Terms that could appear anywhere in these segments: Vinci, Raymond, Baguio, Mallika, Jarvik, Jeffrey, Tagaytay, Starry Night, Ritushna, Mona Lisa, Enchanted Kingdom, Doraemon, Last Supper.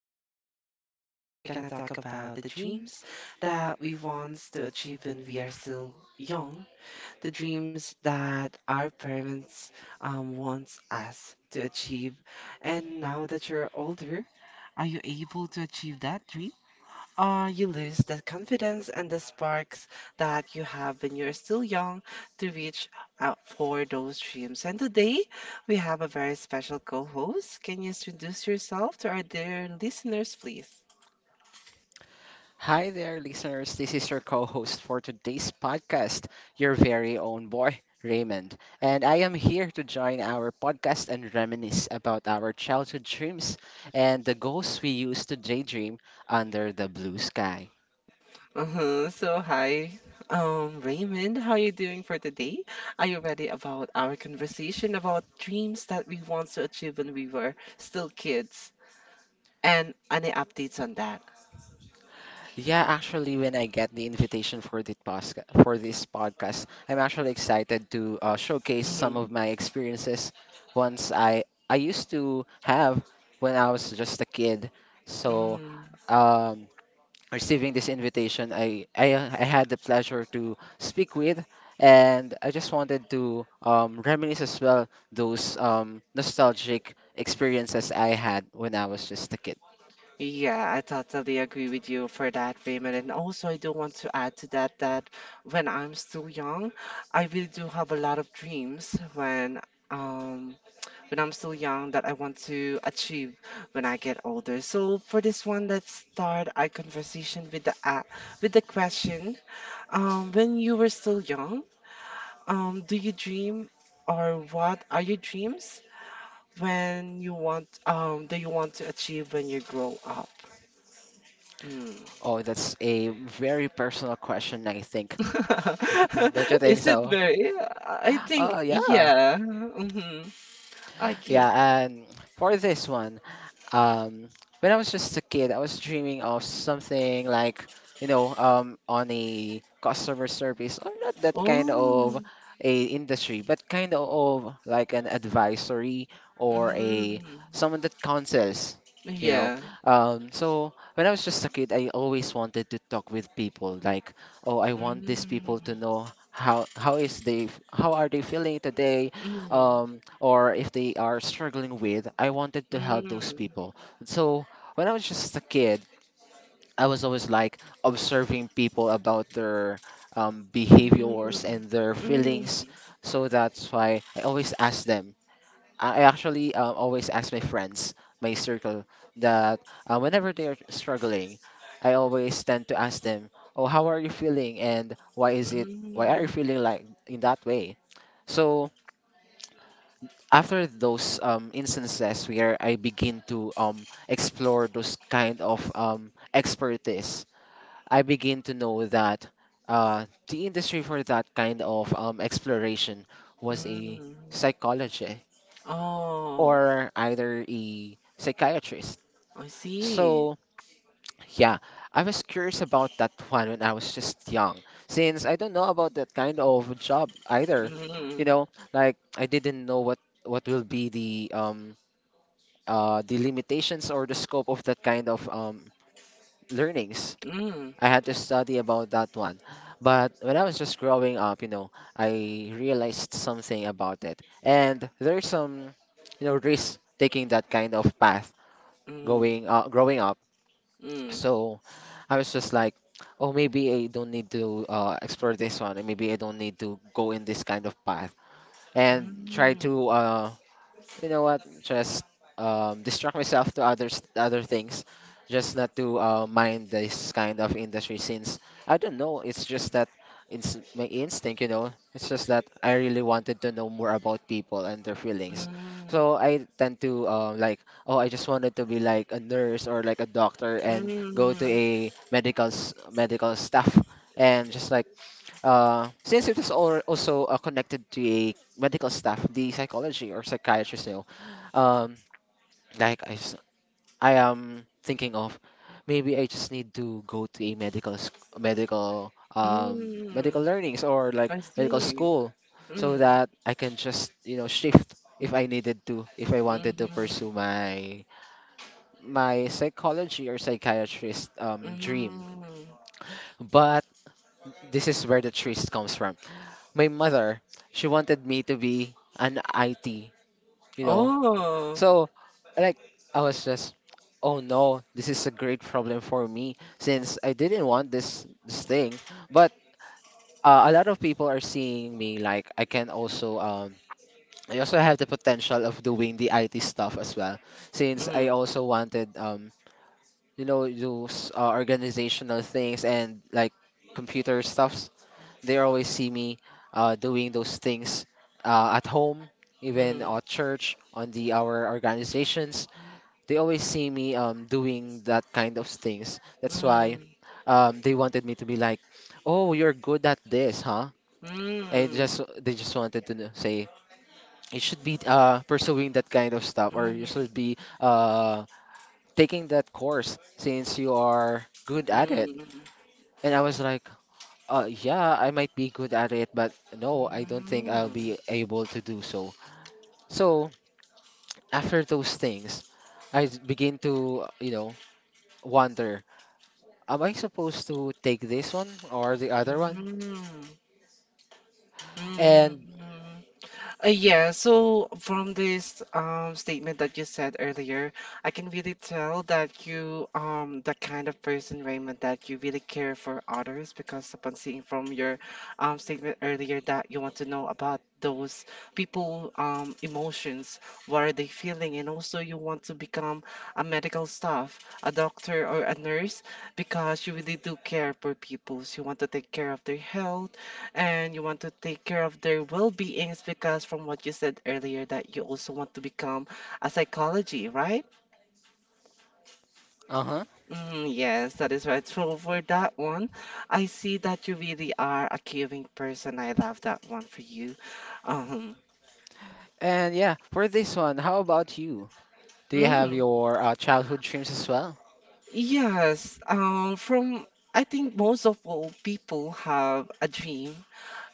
listeners. Today we're gonna talk about the dreams that we want to achieve when we are still young, the dreams that our parents wants us to achieve. And now that you're older, are you able to achieve that dream? Or you lose the confidence and the sparks that you have when you're still young to reach out for those dreams. And today we have a very special co-host. Can you introduce yourself to our dear listeners, please? Hi there, listeners. This is your co host for today's podcast, your very own boy, Raymond. And I am here to join our podcast and reminisce about our childhood dreams and the goals we used to daydream under the blue sky. Uh-huh. So hi, Raymond, how are you doing for today? Are you ready about our conversation about dreams that we want to achieve when we were still kids? And any updates on that? Yeah, actually, when I get the invitation for for this podcast, I'm actually excited to showcase some Mm-hmm. of my experiences. Once I used to have when I was just a kid, so Mm-hmm. um, Receiving this invitation, I had the pleasure to speak with, and I just wanted to reminisce as well those nostalgic experiences I had when I was just a kid. Yeah, I totally agree with you for that, Raymond. And also, I do want to add to that when I'm still young, I really do have a lot of dreams um when I'm still young that I want to achieve when I get older. So for this one, let's start our conversation with the question. When you were still young, do you dream or what are your dreams when you want do you want to achieve when you grow up? Mm. Oh, that's a very personal question, I think. Don't you think Is it so? very? I think, Oh, yeah. yeah. Mm-hmm. Okay. Yeah, and for this one, Um, when I was just a kid, I was dreaming of something like, you know, on a customer service or not that kind Oh. of a industry, but kind of like an advisory or a Mm. someone that counsels, you know. Yeah. So when I was just a kid, I always wanted to talk with people like, oh, I want these people Mm. to know how are they feeling today Mm. Or if they are struggling with, I wanted to help those Mm. people. So when I was just a kid, I was always like observing people about their Mm. behaviors and their Mm. feelings. So that's why I always ask them. I actually always ask my friends, my circle, that whenever they are struggling, I always tend to ask them, "Oh, how are you feeling? And why is it? Why are you feeling like in that way?" So after those instances where I begin to explore those kind of expertise, I begin to know that the industry for that kind of exploration was a Mm. Mm. psychology Oh, or either a psychiatrist. I see. So yeah, I was curious about that one when I was just young, since I don't know about that kind of job either. You Mm. know, like I didn't know what will be the limitations or the scope of that kind of learnings. Mm. I had to study about that one. But when I was just growing up, you know, I realized something about it. And there's some, you know, risk taking that kind of path Mm. going growing up. Mm. So I was just like, oh, maybe I don't need to explore this one, and maybe I don't need to go in this kind of path, and try Mm. to you know what? Just distract myself to other things, just not to mind this kind of industry. Since I don't know, it's just that it's my instinct. You know, it's just that I really wanted to know more about people and their feelings. Mm. So I tend to like, oh, I just wanted to be like a nurse or like a doctor and go to Mm. a medical staff and just like since it is also connected to a medical staff, the psychology or psychiatrist, you know, um, like I am thinking of, maybe I just need to go to a medical medical Mm. learnings or like I medical see. school, so Mm. that I can just you know shift if I needed to, if I wanted to Mm-hmm. pursue my my psychology or psychiatrist dream. Mm-hmm. But this is where the twist comes from. My mother, she wanted me to be an IT, you know. Oh. So, like, I was just, oh no, this is a great problem for me since I didn't want this thing. But a lot of people are seeing me like I can also I also have the potential of doing the IT stuff as well since I Mm. also wanted you know those organizational things and like computer stuff they always see me doing those things at home, even Mm. at church, on the our organizations. They always see me doing that kind of things. That's why Mm. They wanted me to be like, "Oh, you're good at this, huh?" And Mm. just they just wanted to say you should be pursuing that kind of stuff, or you Mm. should be taking that course since you are good at it. And I was like, uh, yeah, I might be good at it, but no, I don't think I'll be able to do so. So, after those things, begin to, you know, wonder, am I supposed to take this one or the Mm. other one? Mm. Mm. Mm. And, Mm. Yeah, so from this statement that you said earlier, I can really tell that you the kind of person, Raymond, that you really care for others because upon seeing from your statement earlier that you want to know about those people emotions, what are they feeling, and also you want to become a medical staff, a doctor or a nurse because you really do care for people. So you want to take care of their health and you want to take care of their well-beings because from what you said earlier that you also want to become a psychology, right? uh-huh. Mm, yes, that is right. So for that one, I see that you really are a caring person. I love that one for you. Um, And yeah, for this one, how about you? Do you have mm, your childhood dreams as well? yes, from I think most of all people have a dream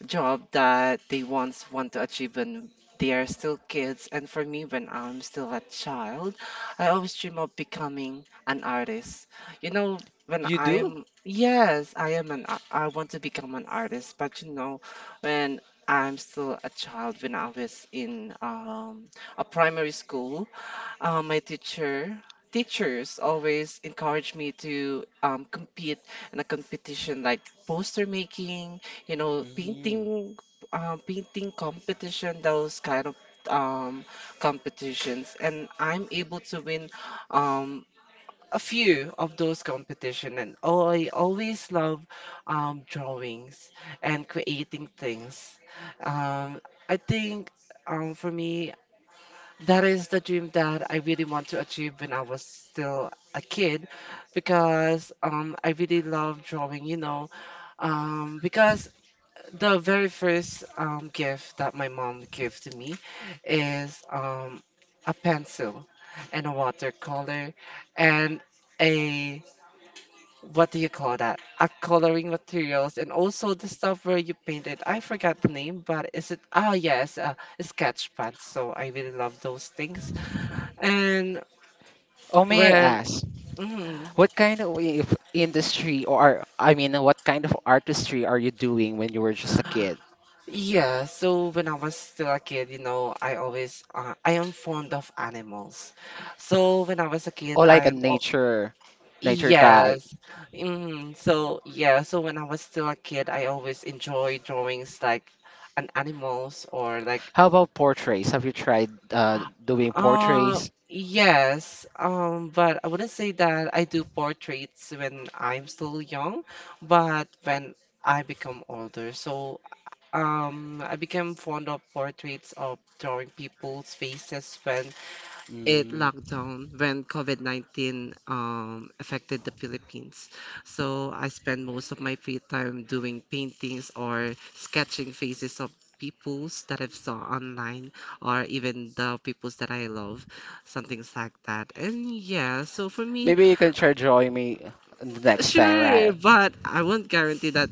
job that they once want to achieve when they are still kids. And for me, when I'm still a child, I always dream of becoming an artist. You know, You do? Yes, I want to become an artist, but you know, when I'm still a child, when I was in a primary school, uh, my teacher, teachers always encourage me to compete in a competition like poster making, you know, Mm. painting, painting competition, those kind of um, competitions. And I'm able to win um, a few of those competition. And oh, I always love drawings and creating things. Um, I think for me, that is the dream that I really want to achieve when I was still a kid because I really love drawing, you know. Because the very first gift that my mom gave to me is a pencil and a watercolor and a what do you call that? A coloring materials and also the stuff where you paint it. I forgot the name, but is it ah yes, a sketch pad. So I really love those things and Oh, may I when, ask, mm, what kind of I- if industry or, I mean, what kind of artistry are you doing when you were just a kid? yeah, so when I was still a kid, you know, I am fond of animals. So when I was a Oh, kid, like a nature, nature type. yes. Hmm. So yeah, so when I was still a kid, I always enjoy drawings like an animals or like, How about portraits? Have you tried doing uh, portraits? yes, but I wouldn't say that I do portraits when I'm still young, but when I become older. So I became fond of portraits of drawing people's faces when it Mm, locked down, when COVID-19 affected the Philippines. So I spent most of my free time doing paintings or sketching faces of peoples that I've saw online or even the peoples that I love, something like that. And yeah, so for me, maybe you can try drawing me the next time, right? sure, but I won't guarantee that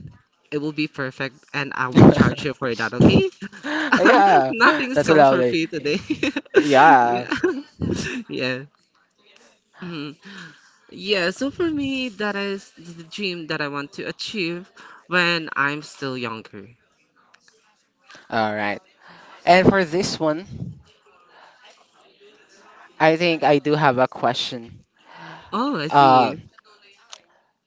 it will be perfect and I will charge you for that, okay? Yeah, Nothing that's comes for lovely. free today. Yeah. Yeah. Yeah. Mhm. Yeah, so for me, that is the dream that I want to achieve when I'm still younger. All right. And for this one, I think I do have a question. Oh, I see. Um,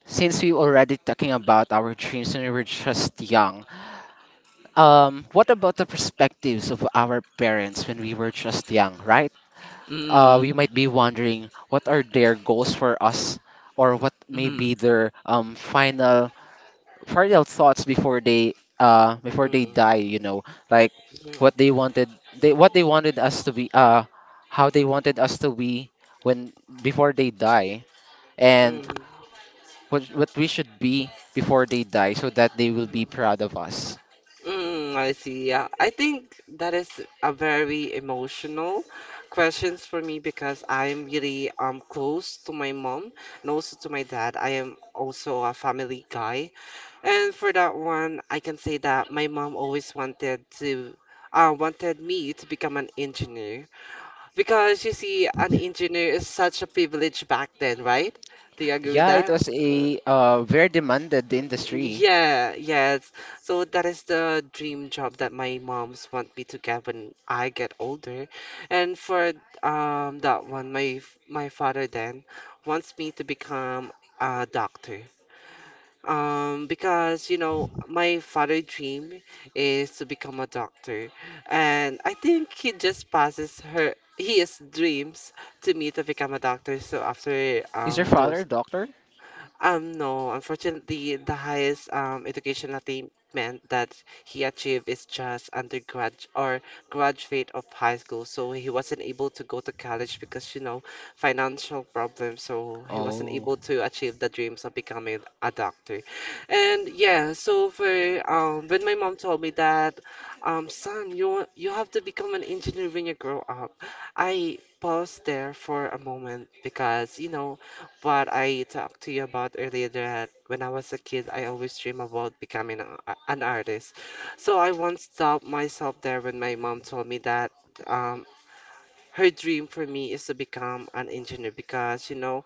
since we already talking about our dreams when we were just young, what about the perspectives of our parents when we were just young, right? Uh, we Mm-hmm. might be wondering what are their goals for us or what may Mm-hmm. be their final thoughts before they Mm-hmm. die you know like what they wanted they wanted us to be how they wanted us to be when before they die and Mm-hmm. what we should be before they die so that they will be proud of us. Mm, I see. Yeah, I think that is a very emotional questions for me because I am really close to my mom and also to my dad. I am also a family guy, and for that one, I can say that my mom always wanted to. Wanted me to become an engineer because you see, an engineer is such a privilege back then, right? Do you agree with Yeah, it that? was a very demanded industry. Yeah, yes. So that is the dream job that my moms want me to get when I get older. And for that one, my father then wants me to become a doctor. Because you know, my father' dream is to become a doctor, and I think he just passes her his dreams to me to become a doctor. So after Is your father a those doctor? No, unfortunately, the highest education attainment that he achieved is just undergrad or graduate of high school. So he wasn't able to go to college because, you know, financial problems. So he wasn't Oh. able to achieve the dreams of becoming a doctor. And yeah, so for when my mom told me that, son, you have to become an engineer when you grow up. I paused there for a moment because, you know. But I talked to you about earlier that when I was a kid, I always dream about becoming an artist. So I once stopped myself there when my mom told me that um, her dream for me is to become an engineer because, you know,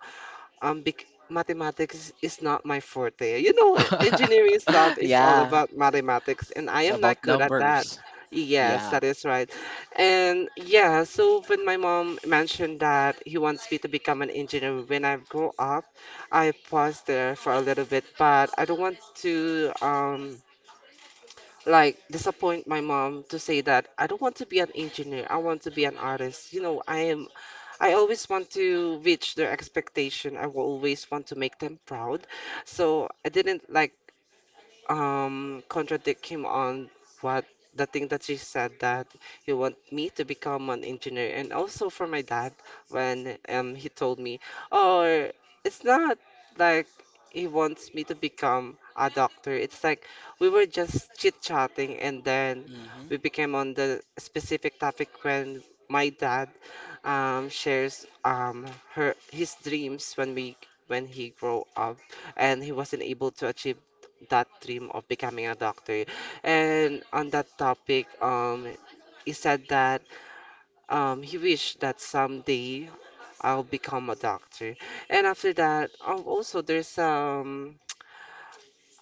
bec mathematics is not my forte. You know, engineering stuff is all Yeah, about mathematics, and I it's am not about good at that. numbers. Yes, Yeah. that is right. And yeah, so when my mom mentioned that he wants me to become an engineer when I grow up, I paused there for a little bit, but I don't want to like disappoint my mom to say that I don't want to be an engineer. I want to be an artist. You know, I always want to reach their expectation. I will always want to make them proud. So I didn't like contradict him on what the thing that she said that he want me to become an engineer and also for my dad when he told me oh it's not like he wants me to become a doctor. It's like we were just chit chatting and then Hmm. we became on the specific topic when my dad, shares, her his dreams when he grow up and he wasn't able to achieve that dream of becoming a doctor. And on that topic, he said that he wished that someday I'll become a doctor. And after that, also there's um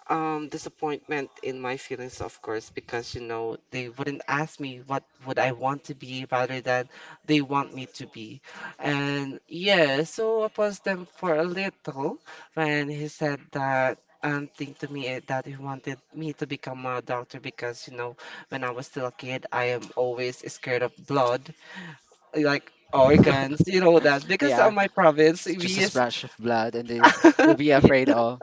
um disappointment in my feelings of course because you know they wouldn't ask me what would I want to be rather than they want me to be. And yeah, so I paused them for a little when he said that thing to me that he wanted me to become a doctor because you know when I was still a kid I am always scared of blood like organs, you know that because Yeah, of my province it's just we a is splash of blood, and then you'll be yeah. afraid of,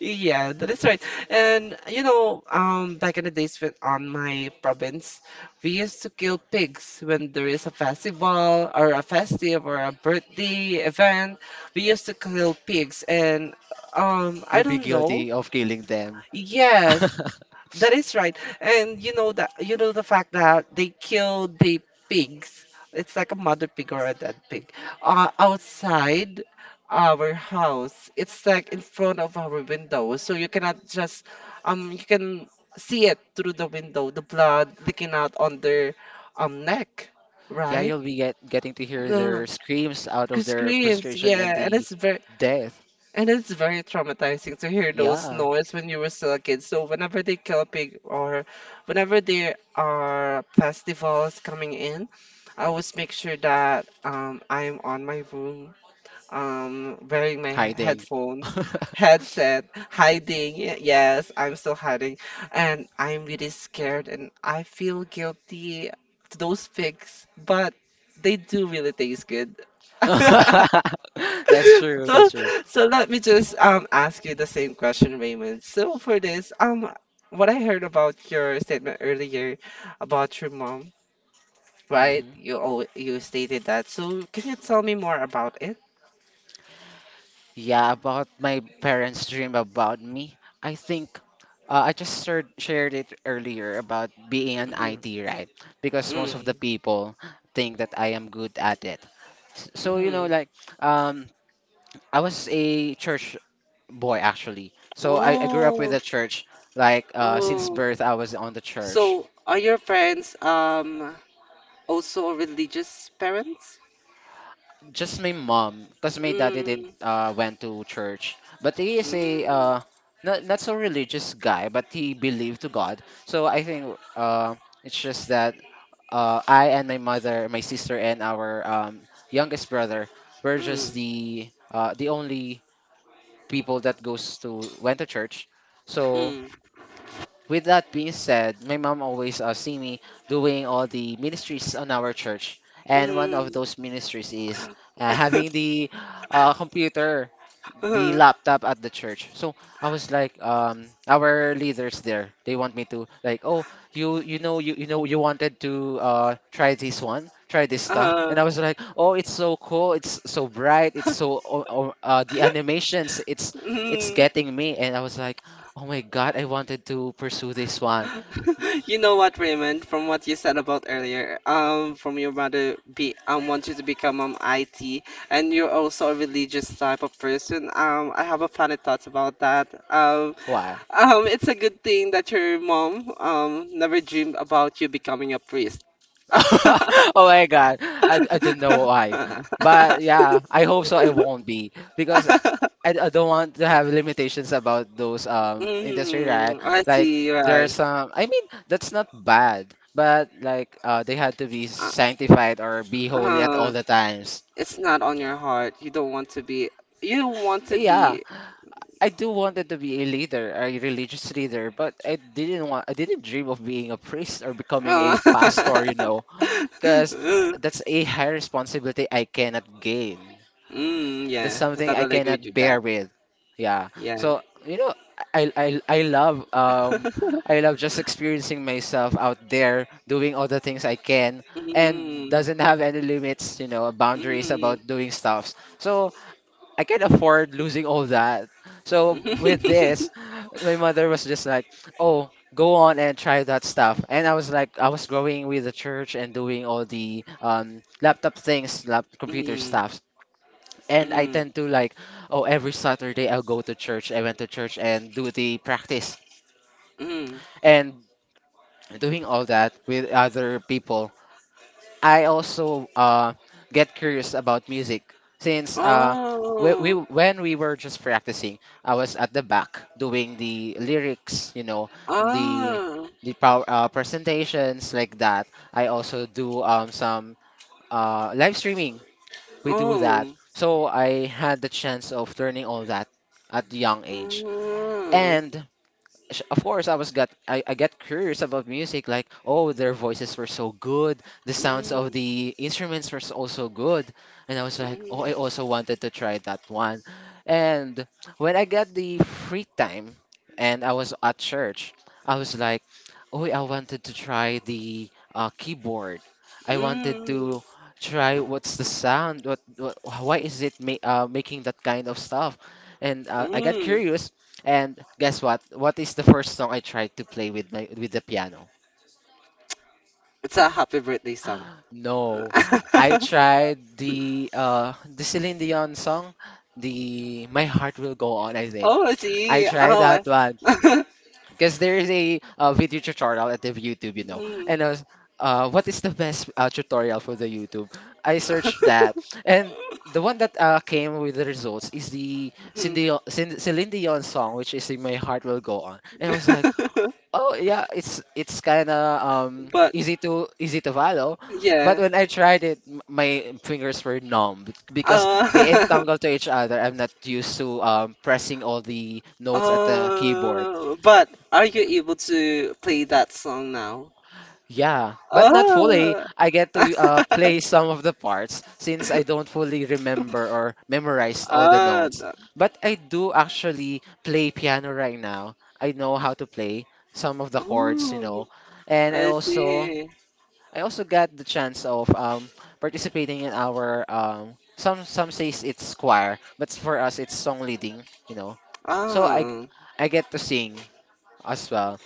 Yeah, that is right. And you know, back in the days when on my province, we used to kill pigs when there is a festival or a festive or a birthday event. We used to kill pigs, and I you'll be don't know. guilty of killing them. Yes, that is right. And you know that you know the fact that they kill the pigs. It's like a mother pig or a dead pig. Outside our house. It's like in front of our window. So you cannot just you can see it through the window, the blood leaking out on their neck, Yeah, right? you'll getting to hear Uh, their screams out of their Screams, frustration and yeah, the death. and it's very traumatizing to hear those Yeah, noise when you were still a kid. So whenever they kill a pig or whenever there are festivals coming in, I always make sure that I am on my room, um, wearing my hiding. headphones, headset, hiding. Yes, I'm still hiding, and I'm really scared, and I feel guilty to those pigs, but they do really taste good. That's true, So, that's true. so let me just ask you the same question, Raymond. So for this, what I heard about your statement earlier about your mom, right? Mhm. You stated that. So can you tell me more about it? Yeah, about my parents' dream about me. I think I just shared it earlier about being an Mm-hmm. IT, right? Because most of the Mm. people think that I am good at it. So, you know, Mm-hmm. like, um, I was a church boy actually. So I grew up with Oh, the church. Like, since oh. birth, I was on the church. So are your parents also religious parents? Just my mom, because my daddy didn't Mm. Went to church, but he is a Mm. Not so religious guy, but he believed to God. So I think it's just that I and my mother, my sister, and our youngest brother were just Mm. The only people that goes to went to church. So Mm. with that being said, my mom always see me doing all the ministries on our church, and one of Mm. those ministries is having the computer the Uh-huh. laptop at the church. So I was like, our leaders there, they want me to like, oh, you wanted to try this one, try this stuff, Uh, and I was like, oh, it's so cool, it's so bright, it's so the animations, it's mm. getting me, and I was like, oh my god, I wanted to pursue this one. You know what, Raymond, from what you said about earlier, from your mother be want you to become IT, and you're also a religious type of person. I have a funny thoughts about that. Um, it's a good thing that your mom never dreamed about you becoming a priest. Oh my God. I don't know why. But yeah, I hope so I won't be because I don't want to have limitations about those industry, right? Mm, I Like see, there's right. some I mean that's not bad, but like they had to be Uh, sanctified or be holy at all uh, the times. it's not on your heart. You don't want to be. You want to Yeah, be. I do wanted to be a leader, a religious leader, but I didn't want I didn't dream of being a priest or becoming a Uh, pastor, you know. Because mm, that's a high responsibility I cannot gain. That's yeah, I something I totally agree cannot with bear that. with. Yeah. Yeah. So you know, I love I love just experiencing myself out there doing all the things I can and Mm, doesn't have any limits, you know, mm, boundaries mm. about doing stuffs. So I can not afford losing all that. So with this, my mother was just like, "Oh, go on and try that stuff." And I was like, I was growing with the church and doing all the laptop things, lap computer Mm, stuff. And I mm, tend to like, oh, every Saturday I'll go to church. I went to church and do the practice mm. and doing all that with other people. I also get curious about music since Oh, when we were just practicing, I was at the back doing the lyrics, you know, the ah, the power, presentations like that. I also do some live streaming. We do that, oh, so I had the chance of learning all that at the young age, mm, and of course I was got I get curious about music. Like, oh, their voices were so good, the sounds of mm, the instruments were also good. And I was like, oh, I mm, also wanted to try that one. And when I got the free time and I was at church, I was like, oh, I wanted to try the keyboard. I wanted mm, to try what's the sound, what why is it making that kind of stuff. And I got mm. curious. And guess what? What is the first song I tried to play with my with the piano? It's a happy birthday song. No, I tried the Celine Dion song, the My Heart Will Go On, I think. Oh, I see. tried that Oh, one I- because there is a video tutorial at the YouTube, you know. Mm. And I was, what is the best tutorial for the YouTube? I searched that, and the one that came with the results is the Mm. Celine Dion song, which is the My Heart Will Go On. And I was like, oh yeah, it's kind of But easy to follow. But yeah. when I tried it, my fingers were numb because they Uh, entangle to each other. I'm not used to pressing all the notes at the keyboard. But are you able to play that song now? Yeah, but not fully. Oh. I get to play some of the parts since I don't fully remember or memorize all the Ah, notes. the- But I do actually play piano right now. I know how to play some of the chords, you know, Ooh, and I see. I also got the chance of participating in our some says it's choir, but for us it's song leading, you know. So I Ah. I get to sing as well.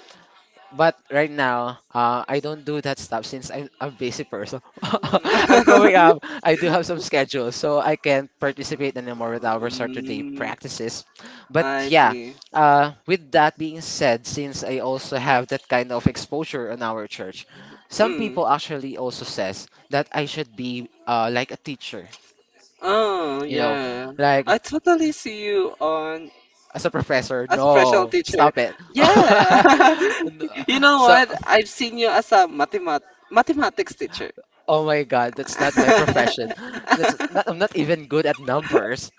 But right now, I don't do that stuff since I'm a busy person. I'm growing up. I do have some schedule, so I can't participate anymore with our Saturday Mm, practices. But I yeah, see. With that being said, since I also have that kind of exposure on our church, some Mm. people actually also says that I should be like a teacher. Oh, You know, yeah. like I totally see you on as a professor. a special No, teacher. stop it. Yeah. You know so what? I've seen you as a mathematics teacher. Oh my God, that's not my profession. That's not, I'm not even good at numbers.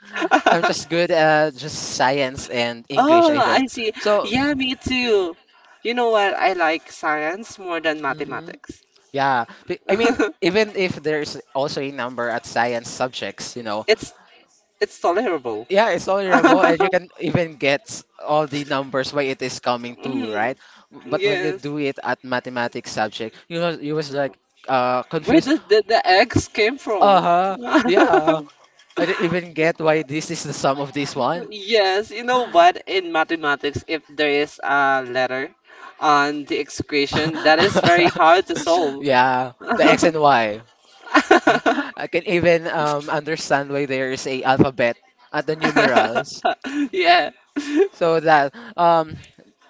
I'm just good at just science and English, Oh, I think. I see. So, Yeah, me too. You know what? I like science more than mhm, mathematics. yeah. I mean, even if there's also a number at science subjects, you know, It's tolerable. yeah, it's tolerable and you can even get all the numbers why it is coming to, Mhm. right? But when you Yes. do it at mathematics subject, you was like Where confused. did the eggs came from? Uh-huh. Yeah. I didn't even get why this is the sum of this one. Yes, you know what? In mathematics, if there is a letter on the equation, that is very hard to solve. Yeah, the X and Y. I can even understand why there is a alphabet at the numerals. Yeah. So that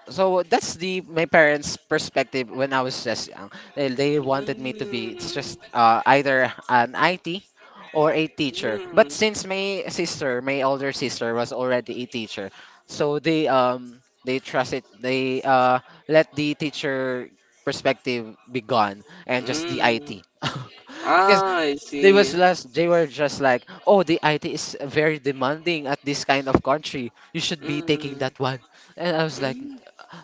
so that's the my parents' perspective when I was just young. They wanted me to be it's just Mm, either an IT or a teacher. But mm, since my sister, my older sister, was already a teacher, so they trusted they let the teacher perspective be gone and just the mm. IT. Because Ah, I they was see. just they were just like, oh, the IT is very demanding at this kind of country, you should be taking Mm, that one. And I was like, mm.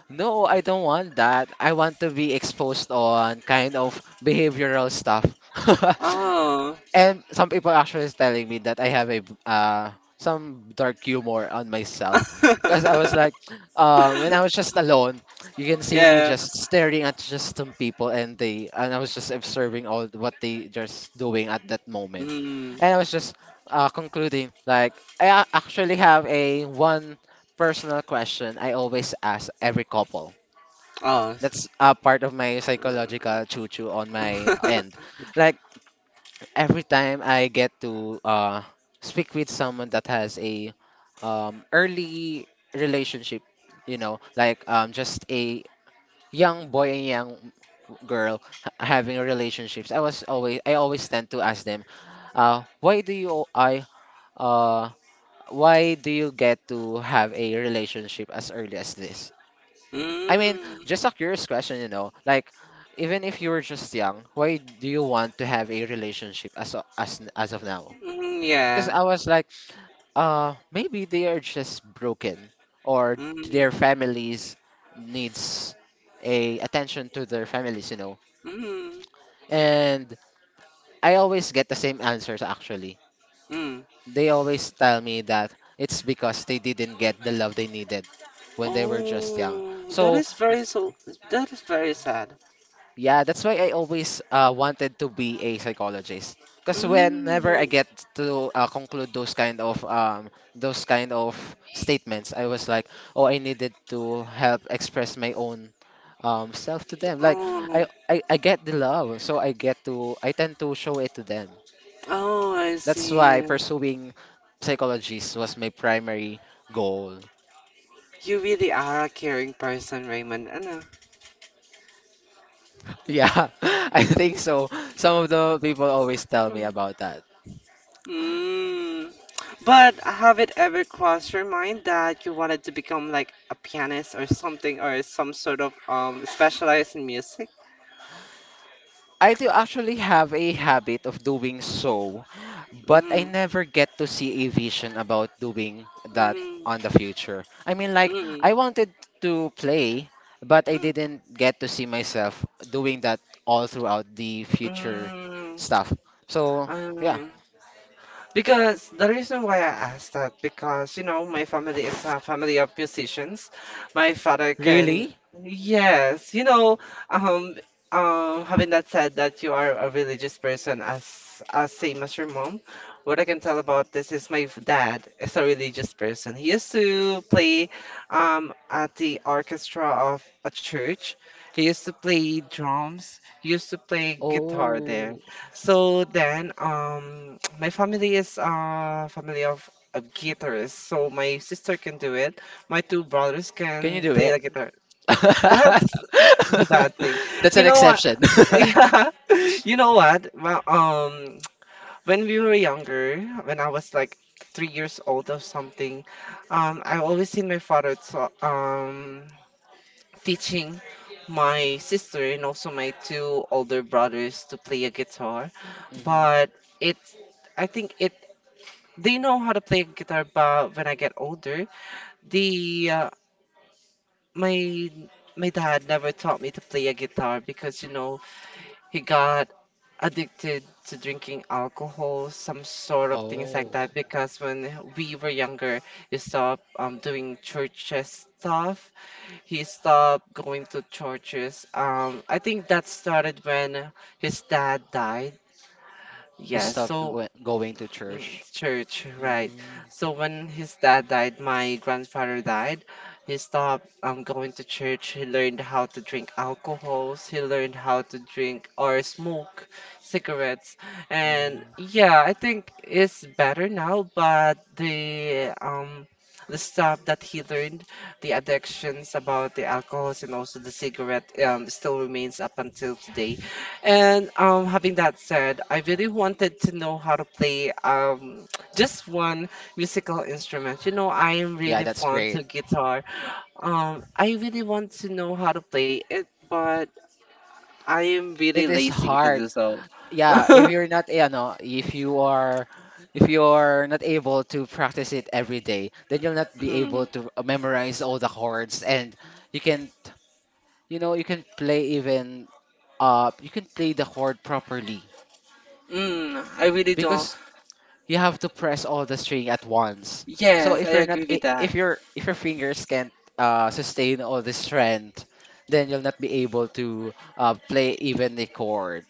no, I don't want that. I want to be exposed on kind of behavioral stuff. Oh. And some people actually is telling me that I have a some dark humor on myself because I was like, when I was just alone, you can see me Yeah. just staring at just some people and I was just observing all what they just doing at that moment, Mm. and I was just concluding like actually have a one personal question I always ask every couple Oh. that's a part of my psychological choo-choo on my end. Like every time I get to speak with someone that has a early relationship, you know, like just a young boy and young girl having relationships. I always tend to ask them, uh, why do you I uh why do you get to have a relationship as early as this? I mean, Mm. just a curious question, you know, like even if you were just young, why do you want to have a relationship as o- as n- as of now? Mm, Because yeah. I was like, maybe they are just broken or Mm. their families needs a attention to their families, you know. Mm, And I always get the same answers actually. mm. They always tell me that it's because they didn't get the love they needed when they were just young. Oh, that So is very so. That is very sad. yeah, that's why I always wanted to be a psychologist. Because whenever I Mm. get to conclude those kind of statements, I was like, oh, I needed to help express my own self to them. Like Oh, I get the love, so I tend to show it to them. oh, I That's why see. pursuing psychology was my primary goal. You really are a caring person, Raymond. Ano? Yeah, I think so. Some of the people always tell me Mm. about that. Mm. But have it ever crossed your mind that you wanted to become like a pianist or something, or some sort of specialized in music? I do actually have a habit of doing so, but I Mm. never get to see a vision about doing that Mm. on the future. I mean, like, Mm. I wanted to play, but I Hmm. didn't get to see myself doing that all throughout the future Mm. stuff. So, yeah. Hmm. Because the reason why I asked that, because you know, my family is a family of musicians. My father can, Really? yes, um, having that said that you are a religious person as same as your mom, what I can tell about this is my dad is a religious person. He used to play at the orchestra of a church. He used to play drums. He used to play guitar there. Oh, So then, my family is a family of guitarists. So my sister can do it. My two brothers can you can do play it? the guitar. That's the bad thing. That's You an know what? exception. Yeah. You know what? Well, when we were younger, when I was like 3 years old or something, I always seen my father teaching my sister and also my two older brothers to play a guitar. Mhm. But it's, I think it, they know how to play guitar, but when I get older, the my my dad never taught me to play a guitar because he got addicted to drinking alcohol, some sort of things Oh, like that. Because when we were younger, he stopped doing churches stuff. He stopped going to churches. I think that started when his dad died. he Yes, stopped so. Going to Mm. church. Church, right. Mm, So when his dad died, my grandfather died. He stopped going to church. He learned how to drink alcohols. He learned how to drink or smoke cigarettes. And mm. yeah, I think it's better now, but the stuff that he learned, the addictions about the alcohols and also the cigarette still remains up until today. And having that said, I really wanted to know how to play just one musical instrument. You know, I am Yeah, really that's fond great. to guitar. I really want to know how to play it, but I am really It is lazy to hard. do so. Yeah, if you're not, you know, if you are, if you're not able to practice it every day, then you'll not be Mm, able to memorize all the chords, and you can, you know, you can play even, you can play the chord properly I really don't. because you have to press all the string at once. So Yes, I if you're not agree with that. if your fingers can't sustain all the strength, then you'll not be able to play even the chord.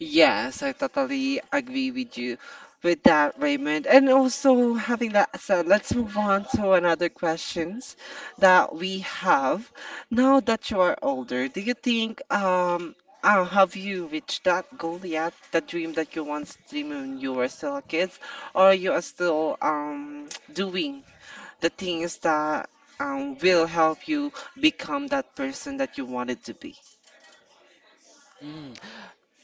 Yes, I totally agree with you with that, Raymond. And also, having that said, let's move on to another questions that we have. Now that you are older, do you think have you reached that goal yet? The dream that you once dreamed when you were still a kid, or you are still doing the things that will help you become that person that you wanted to be? Mm.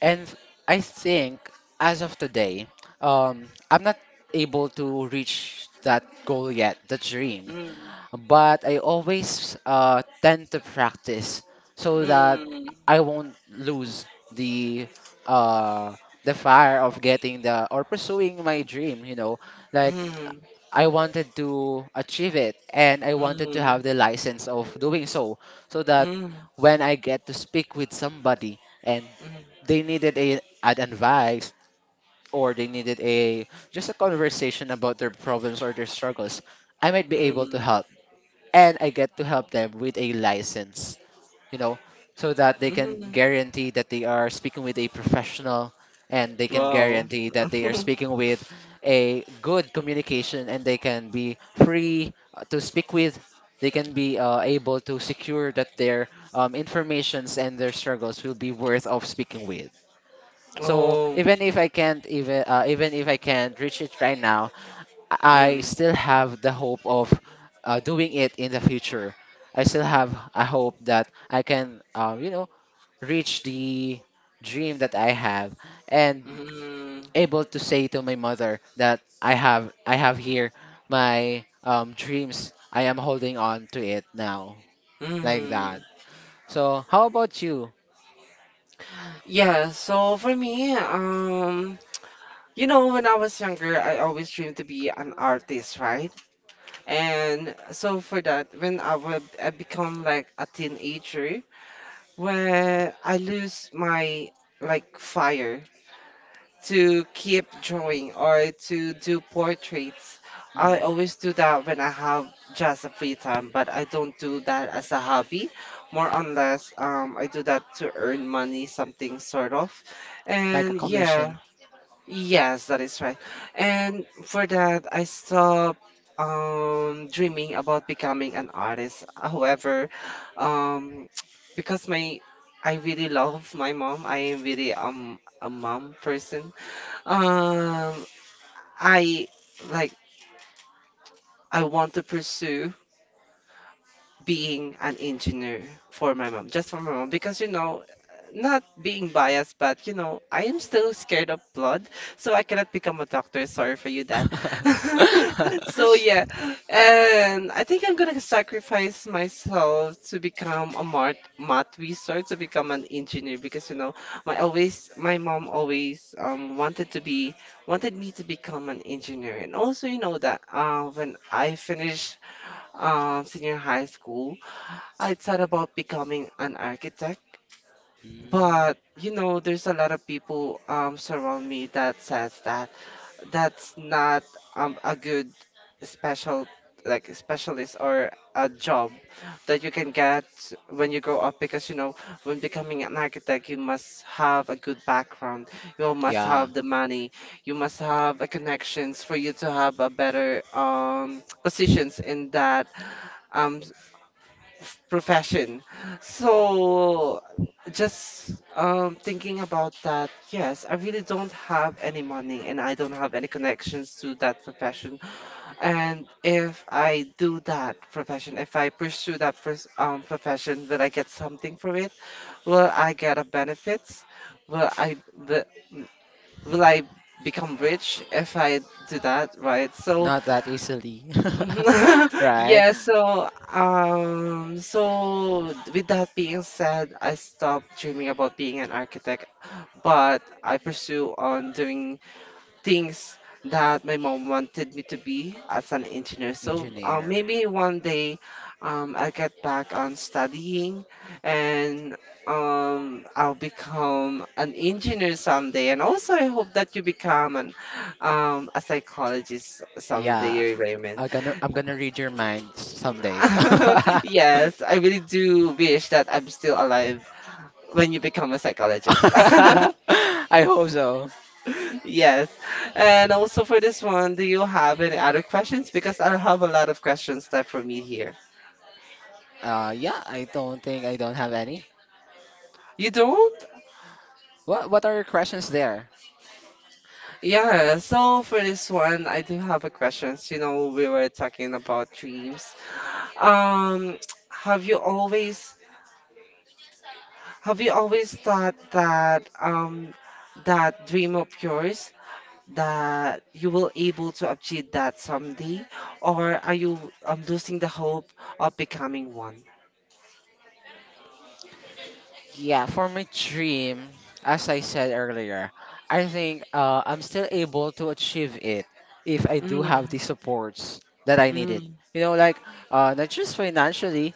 And I think as of today, I'm not able to reach that goal yet, the dream. Mm, But I always tend to practice so that mm, I won't lose the uh, the fire of getting the or pursuing my dream. You know, like mm. I wanted to achieve it and I wanted to Mm, have the license of doing so, so that mm, when I get to speak with somebody and mm, they needed a an advice or they needed a just a conversation about their problems or their struggles, I might be able to mm, help and I get to help them with a license, you know, so that they can mm. guarantee that they are speaking with a professional and they can Wow. guarantee that they are speaking with a good communication and they can be free to speak with. They can be able to secure that their informations and their struggles will be worth of speaking with. So Oh, even if I can't even even if I can't reach it right now, I mm, still have the hope of doing it in the future. I still have a hope that I can, you know, reach the dream that I have and mm, able to say to my mother that I have here my dreams. I am holding on to it now, like mm. that. So, how about you? Yeah, so for me, when I was younger, I always dreamed to be an artist, right? And so for that, when I become like a teenager, where I lose my like fire to keep drawing or to do portraits. I Mhm. always do that when I have just a free time, but I don't do that as a hobby, more unless I do that to earn money, something sort of. Like a And yeah, commission? yes, that is right. And for that, I stopped dreaming about becoming an artist. However, um, because my I really love my mom. I am really a mom person. Um, I like I want to pursue being an engineer for my mom, just for my mom, because not being biased, but I am still scared of blood, so I cannot become a doctor. Sorry for you, Dad. So yeah, and I think I'm gonna sacrifice myself to become a math research to become an engineer because my mom always wanted me to become an engineer, and also you know that when I finished senior high school. I thought about becoming an architect, Mm, but there's a lot of people surround me that says that that's not a good special like specialist or a job that you can get when you grow up because when becoming an architect, you must have a good background, you must yeah, have the money, you must have a connections for you to have a better positions in that um profession. So just thinking about that, yes, I really don't have any money and I don't have any connections to that profession. And if I do that profession, if I pursue that profession, will I get something from it? Will I get a benefits? Will I will, will I become rich if I do that, right? So. not that easily, right? Yeah, so with that being said, I stopped dreaming about being an architect, but I pursue on doing things that my mom wanted me to be as an engineer. So Engineer. maybe one day I'll get back on studying and I'll become an engineer someday. And also I hope that you become an a psychologist Yeah, someday, Raymond. I'm gonna read your mind someday. Yes, I really do wish that I'm still alive when you become a psychologist. I hope so. Yes. And also for this one, do you have any other questions? Because I have a lot of questions left for me here. Yeah, I don't have any. You don't? What are your questions there? Yeah. So for this one, I do have a question. You know, we were talking about dreams. Um, have you always have you always thought that that dream of yours, that you will able to achieve that someday, or are you losing the hope of becoming one? Yeah, for my dream, as I said earlier, I think I'm still able to achieve it if I do Mm, have the supports that I needed. mm. You know, like not just financially,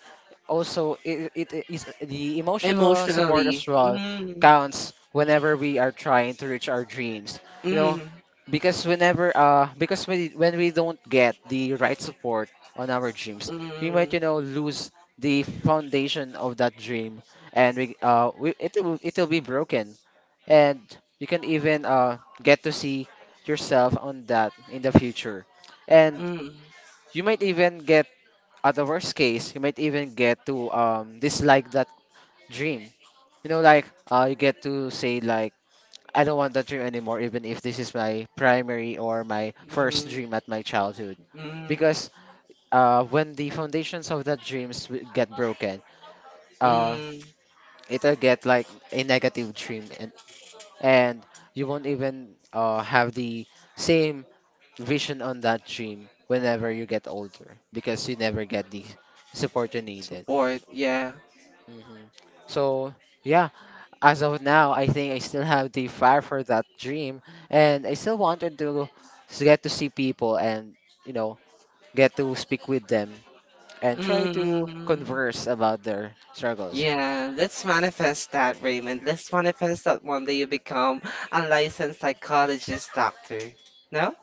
also it is the emotional support as Emotionally. well Mm, counts whenever we are trying to reach our dreams. You know, mm, because whenever because we, when we don't get the right support on our dreams, we might, mm, you know, lose the foundation of that dream, and we it will it'll be broken, and you can even get to see yourself on that in the future, and mm, you might even get, at the worst case, you might even get to dislike that dream. You know, like you get to say like I don't want that dream anymore, even if this is my primary or my first mm, dream at my childhood, mm, because when the foundations of that dreams will get broken, uh mm. it'll get like a negative dream and you won't even have the same vision on that dream whenever you get older because you never get the support you needed. Support, yeah. hmm So yeah, as of now, I think I still have the fire for that dream, and I still wanted to get to see people and you know get to speak with them and try to Mm. converse about their struggles. Yeah, let's manifest that, Raymond. Let's manifest that one day you become a licensed psychologist doctor. No?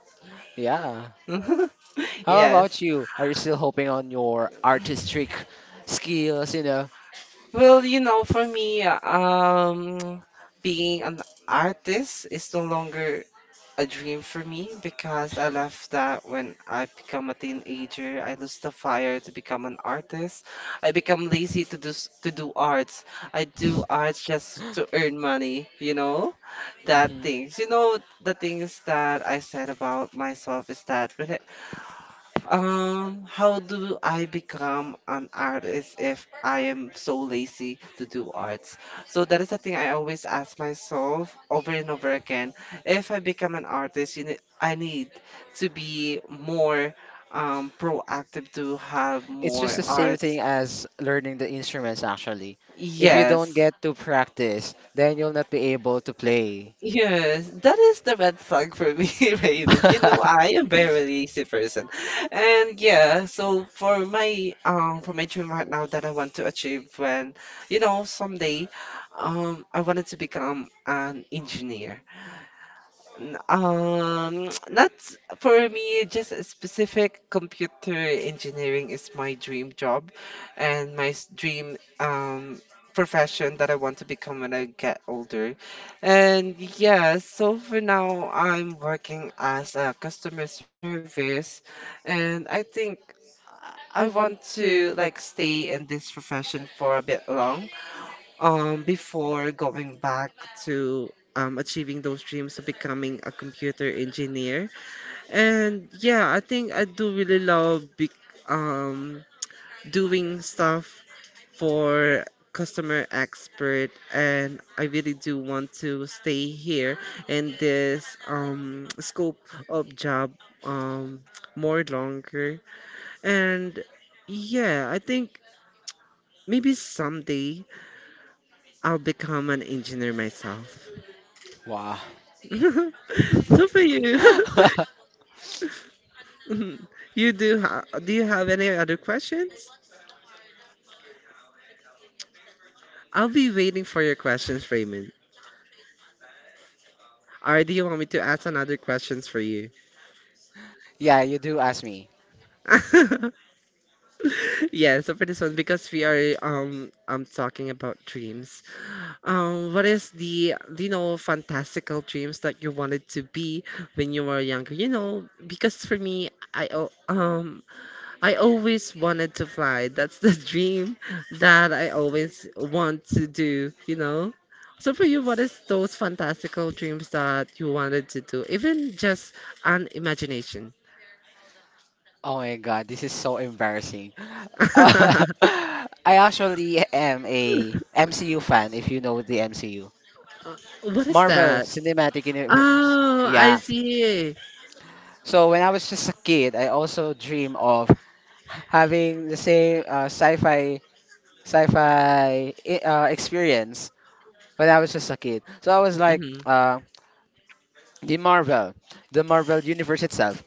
Yeah. How about Yes. you? Are you still hoping on your artistic skills? Well, for me, being an artist is no longer a dream for me because I left that when I become a teenager. I lost the fire to become an artist. I become lazy to do arts. I do arts just to earn money, you know? That hmm things. You know, the things that I said about myself is that when I how do I become an artist if I am so lazy to do arts? So that is the thing I always ask myself over and over again. If I become an artist, I need to be more proactive to have It's just more the same thing arts. as learning the instruments, actually. If you don't Yes. get to practice, then you'll not be able to play. Yes, that is the red flag for me, Raven. You know, I am very lazy person. And yeah, so for my dream right now that I want to achieve when, someday, I wanted to become an engineer. Not for me, just a specific computer engineering is my dream job and my dream profession that I want to become when I get older. And yeah, so for now I'm working as a customer service and I think I want to like stay in this profession for a bit long before going back to achieving those dreams of becoming a computer engineer. And yeah, I think I do really love be um, doing stuff for customer expert, and I really do want to stay here in this scope of job um, more longer. And yeah, I think maybe someday I'll become an engineer myself. Wow. So for you. Mhm. Do you have any other questions? I'll be waiting for your questions, Raymond. Or do you want me to ask another questions for you? Yeah, you do ask me. Yeah, so for this one, because we are I'm talking about dreams. What is the fantastical dreams that you wanted to be when you were younger? You know, because for me, I always wanted to fly. That's the dream that I always want to do, you know? So for you, what is those fantastical dreams that you wanted to do? Even just an imagination. Oh my god, this is so embarrassing. I actually am a MCU fan, if you know the MCU. What is Marvel that? Cinematic Universe. Oh, I Yeah. see. So when I was just a kid, I also dream of having the same experience when I was just a kid. So I was like Hmm the Marvel, the Marvel universe itself,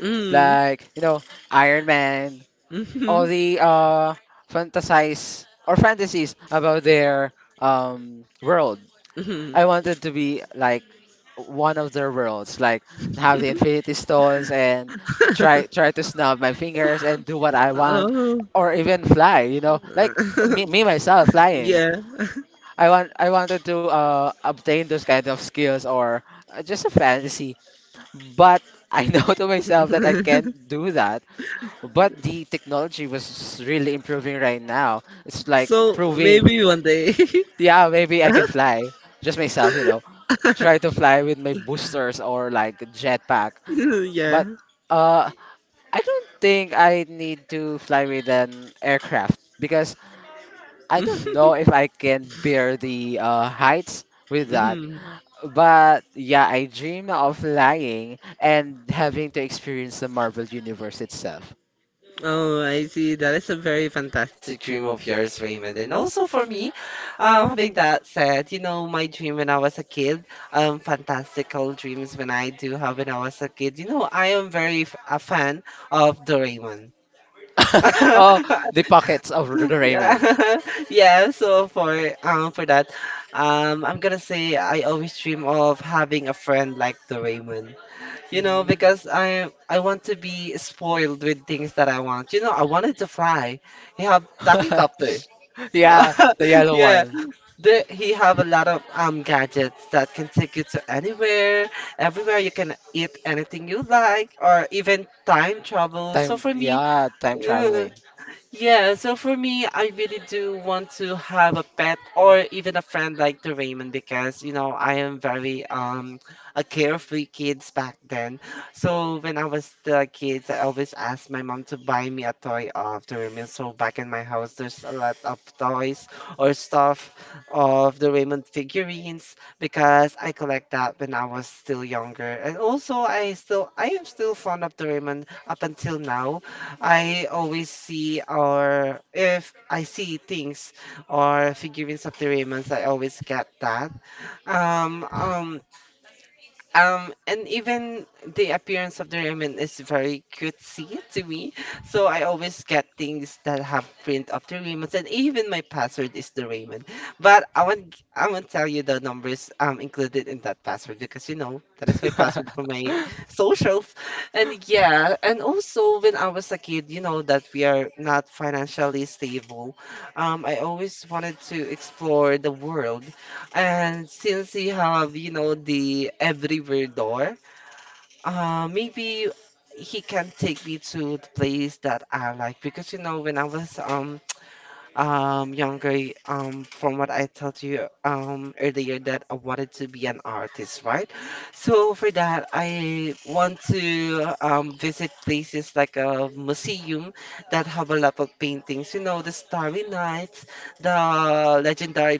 hmm like you know Iron Man, hmm all the fantasize or fantasies about their world. hmm I wanted to be like one of their worlds, like have the Infinity Stones and try try to snap my fingers and do what I want, Oh. or even fly. You know, like me myself flying. Yeah. I wanted to obtain those kind of skills or just a fantasy, but I know to myself that I can't do that. But the technology was really improving right now. It's like So proving, maybe one day. yeah, maybe I can fly. Just myself, you know, try to fly with my boosters or like jetpack. But Yeah. uh, I don't think I need to fly with an aircraft because I don't know if I can bear the heights with that. Mhm. But yeah, I dream of flying and having to experience the Marvel Universe itself. Oh, I see. That is a very fantastic dream of yours, Raymond. And also for me, having that said, you know, my dream when I was a kid, fantastical dreams when I do have when I was a kid. You know, I am very f a fan of Doraemon. Oh, the pockets of Doraemon. Yeah, yeah. So for that, I'm gonna say I always dream of having a friend like Doraemon. You know, Mhm. because I want to be spoiled with things that I want. You know, I wanted to fly. He have tachycopter. Yeah, the yellow Yeah, one. there he have a lot of gadgets that can take you to anywhere, everywhere. You can eat anything you like, or even time travel. So for me, Yeah, time traveling. yeah, so for me, I really do want to have a pet or even a friend like the Raymond because, you know, I am very a carefree kids back then. So when I was the kids, I always asked my mom to buy me a toy of the Raymond. So back in my house, there's a lot of toys or stuff of the Raymond figurines because I collect that when I was still younger. And also, I am still fond of the Raymond up until now. I always see, or if I see things or figurines of the Raymonds, I always get that. Um, um, and even the appearance of the ramen is very cutesy to me. So I always get things that have print of the ramen, and even my password is the ramen. But I won't tell you the numbers included in that password because you know that is my password for my socials. And yeah, and also when I was a kid, you know that we are not financially stable. I always wanted to explore the world, and since you have, you know, the everywhere door, maybe he can take me to the place that I like because you know when I was younger, from what I told you earlier, that I wanted to be an artist, right? So for that, I want to visit places like a museum that have a lot of paintings. You know, the Starry Nights, the legendary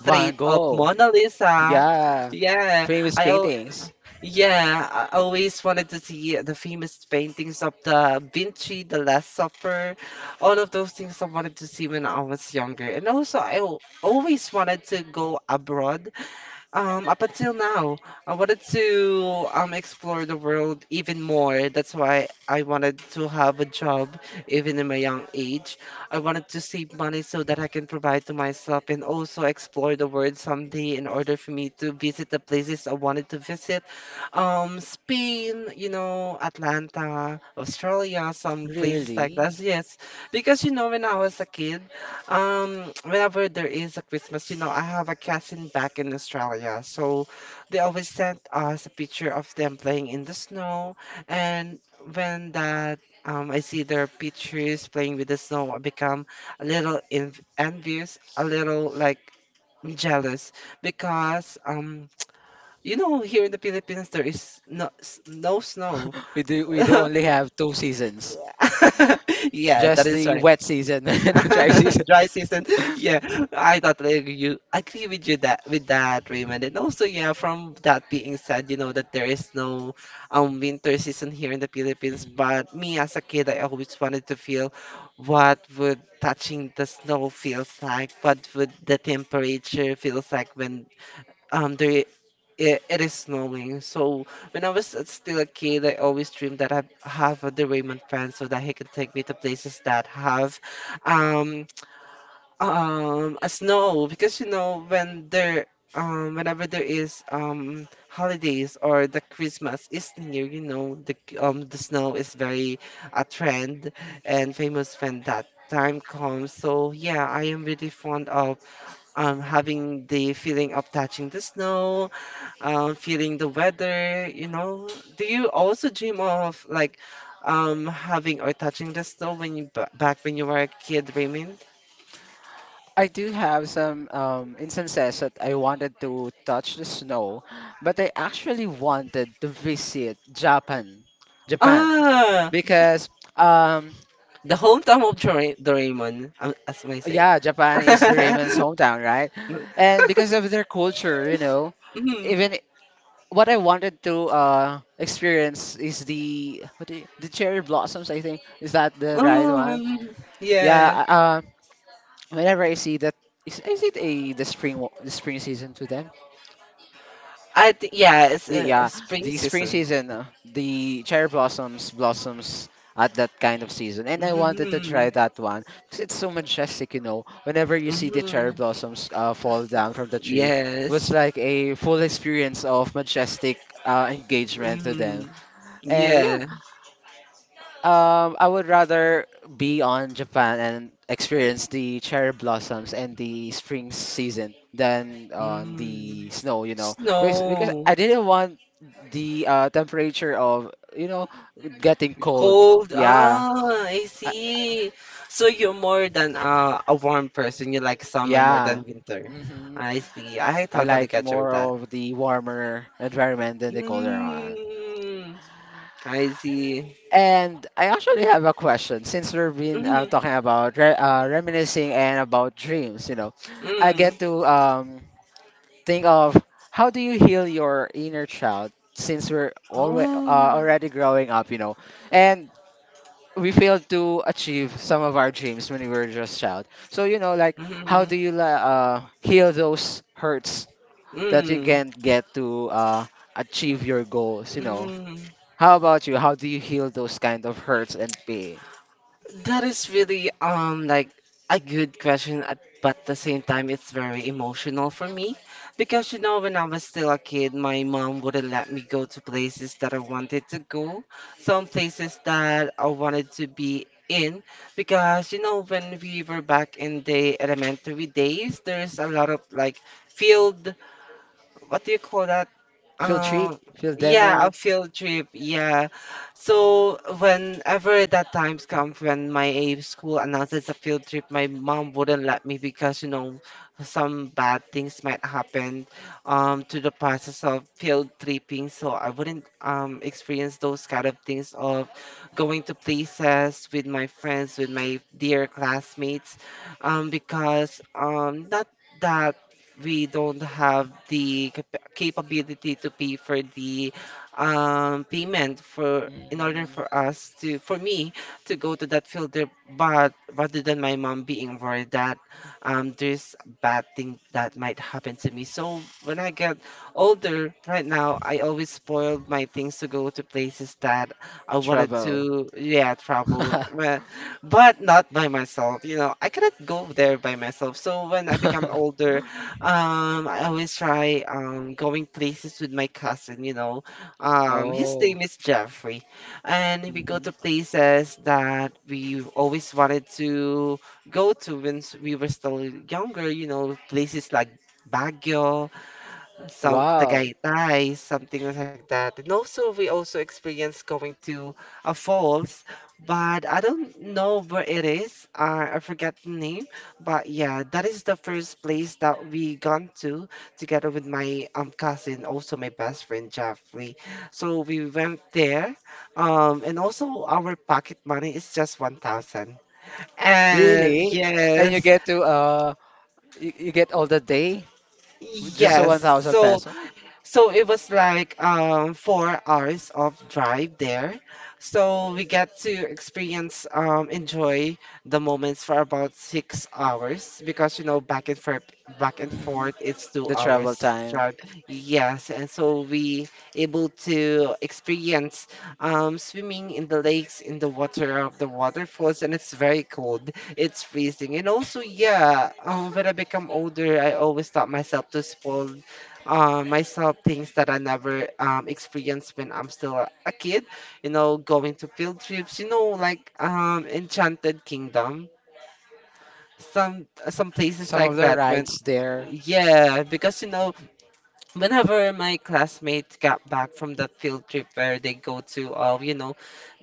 Van of Gogh. Mona Lisa. Yeah, Yeah, famous I al- paintings. yeah, I always wanted to see the famous paintings of the Vinci, the Last Supper, all of those things I wanted to see when I was younger. And also, always wanted to go abroad up until now. I wanted to explore the world even more. That's why I wanted to have a job even in my young age. I wanted to save money so that I can provide to myself and also explore the world someday in order for me to visit the places I wanted to visit. Spain, you know, Atlanta, Australia, some places like Really? that. Yes, because you know, when I was a kid, whenever there is a Christmas, you know, I have a cousin back in Australia, so they always sent us a picture of them playing in the snow. And when I see their pictures playing with the snow, I become a little en envious, a little like jealous because, you know, here in the Philippines there is no snow. We do only have two seasons. Yeah, that Just is the right. wet season and the dry season. Dry season. Yeah, I totally agree. You agree with you that with that, Raymond. And also, yeah, from that being said, you know that there is no winter season here in the Philippines. Mhm. But me as a kid, I always wanted to feel what would touching the snow feels like. What would the temperature feels like when um there i- it is snowing. So when I was still a kid, I always dreamed that I have the Raymond friend so that he can take me to places that have um as no, because you know whenever there is holidays or the Christmas is near, you know the snow is very a trend and famous when that time comes. So yeah, I am really fond of having the feeling of touching the snow, feeling the weather. You know, do you also dream of like having or touching the snow when back when you were a kid, Raymond? I do have some instances that I wanted to touch the snow, but I actually wanted to visit Japan, Ah. because um, The hometown of Doraemon, as I say. yeah, Japan is the Raymond's hometown, right? And because of their culture, you know, Mhm. even what I wanted to experience is the the cherry blossoms. I think is that the right one? Um, Yeah. yeah. Whenever I see that, is it a the the spring season to them? I think yeah, it's Yeah, spring the spring season. season, the cherry blossoms at that kind of season, and I wanted to Hmm try that one because it's so majestic, you know. Whenever you see the cherry hmm blossoms fall down from the tree, it was Yes. like a full experience of majestic engagement to them. hmm And Yeah. yeah, I would rather be on Japan and experience the cherry blossoms and the spring season than on Mm. the snow, you know, because Snow. I didn't want the temperature of, you know, getting cold. Cold. Yeah, Ah, I I, see. So you're more than a warm person. You like summer more yeah. than winter. hmm I see. I I totally like get you with more that. of the warmer environment than the colder one. Mm, I see. And I actually have a question since we've been Mm, talking about re reminiscing and about dreams, you know, I mm. get to think of how do you heal your inner child since we're alwa Oh. already growing up, you know, and we failed to achieve some of our dreams when we were just child. So, you know, like how do Mm, you heal those hurts that you mm, can't get to achieve your goals, you know? mm. How about you? How do you heal those kind of hurts and pain? That is really like a good question at, but at the same time it's very emotional for me because you know when I was still a kid my mom wouldn't let me go to places that I wanted to go, some places that I wanted to be in because you know when we were back in the elementary days there's a lot of like field, what do you call that, um, Field yeah, demo, a field trip. Yeah. So whenever that times comes when my school announces a field trip, my mom wouldn't let me because you know some bad things might happen to the process of field tripping. So I wouldn't experience those kind of things of going to places with my friends, with my dear classmates, because not that we don't have the capability to pay for the payment for in order Mm, for me to go to that filter, but rather than my mom being worried that there's a bad thing that might happen to me. So when I get older right now I always spoiled my things to go to places that I wanted travel. to, yeah, travel. Well, but not by myself, you know, I cannot go there by myself. So when I become older, I always try going places with my cousin, you know. His Oh, name is Jeffrey, and we go mhm. to places that we always wanted to go to we were still younger, you know, places like Baguio, some Wow. Tagaytay, something like that. And also, we also experienced going to a falls, but I don't know where it is. I forgot the name, but yeah, that is the first place that we gone to together with my cousin, also my best friend Jeffrey. So we went there, and also our pocket money is just 1,000. And Really? And you yes, get to you get all the day with just a yes. 1000 So peso? So it was like 4 hours of drive there. So we get to experience, enjoy the moments for about 6 hours because you know back and Mm. forth, it's two The hours travel time. drive. Yes, and so we able to experience swimming in the lakes, in the water of the waterfalls, and it's very cold. It's freezing, and also yeah, when I become older, I always taught myself to spoil myself things that I never experienced when I'm still a kid. You know, going to field trips. You know, like Enchanted Kingdom, some places Some of like the that. When rides there, yeah, because you know whenever my classmates got back from that field trip where they go to you know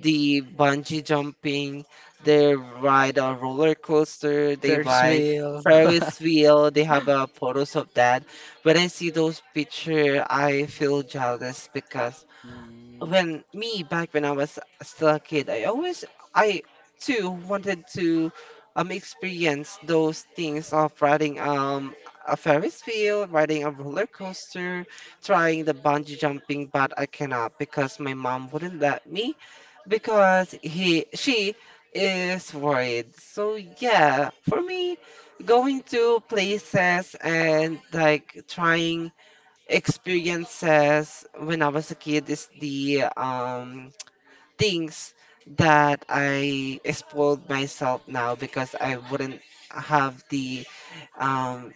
the bungee jumping, they ride a roller coaster, they Ferris ride wheel. ferris wheel, they have photos of that. When I see those pictures I feel jealous because Mm. when me back when I was still a kid, I always I too wanted to experience those things of riding a Ferris wheel, riding a roller coaster, trying the bungee jumping, but I cannot because my mom wouldn't let me because he she is worried. So yeah, for me, going to places and like trying experiences when I was a kid is the things that I spoiled myself now because I wouldn't have the um,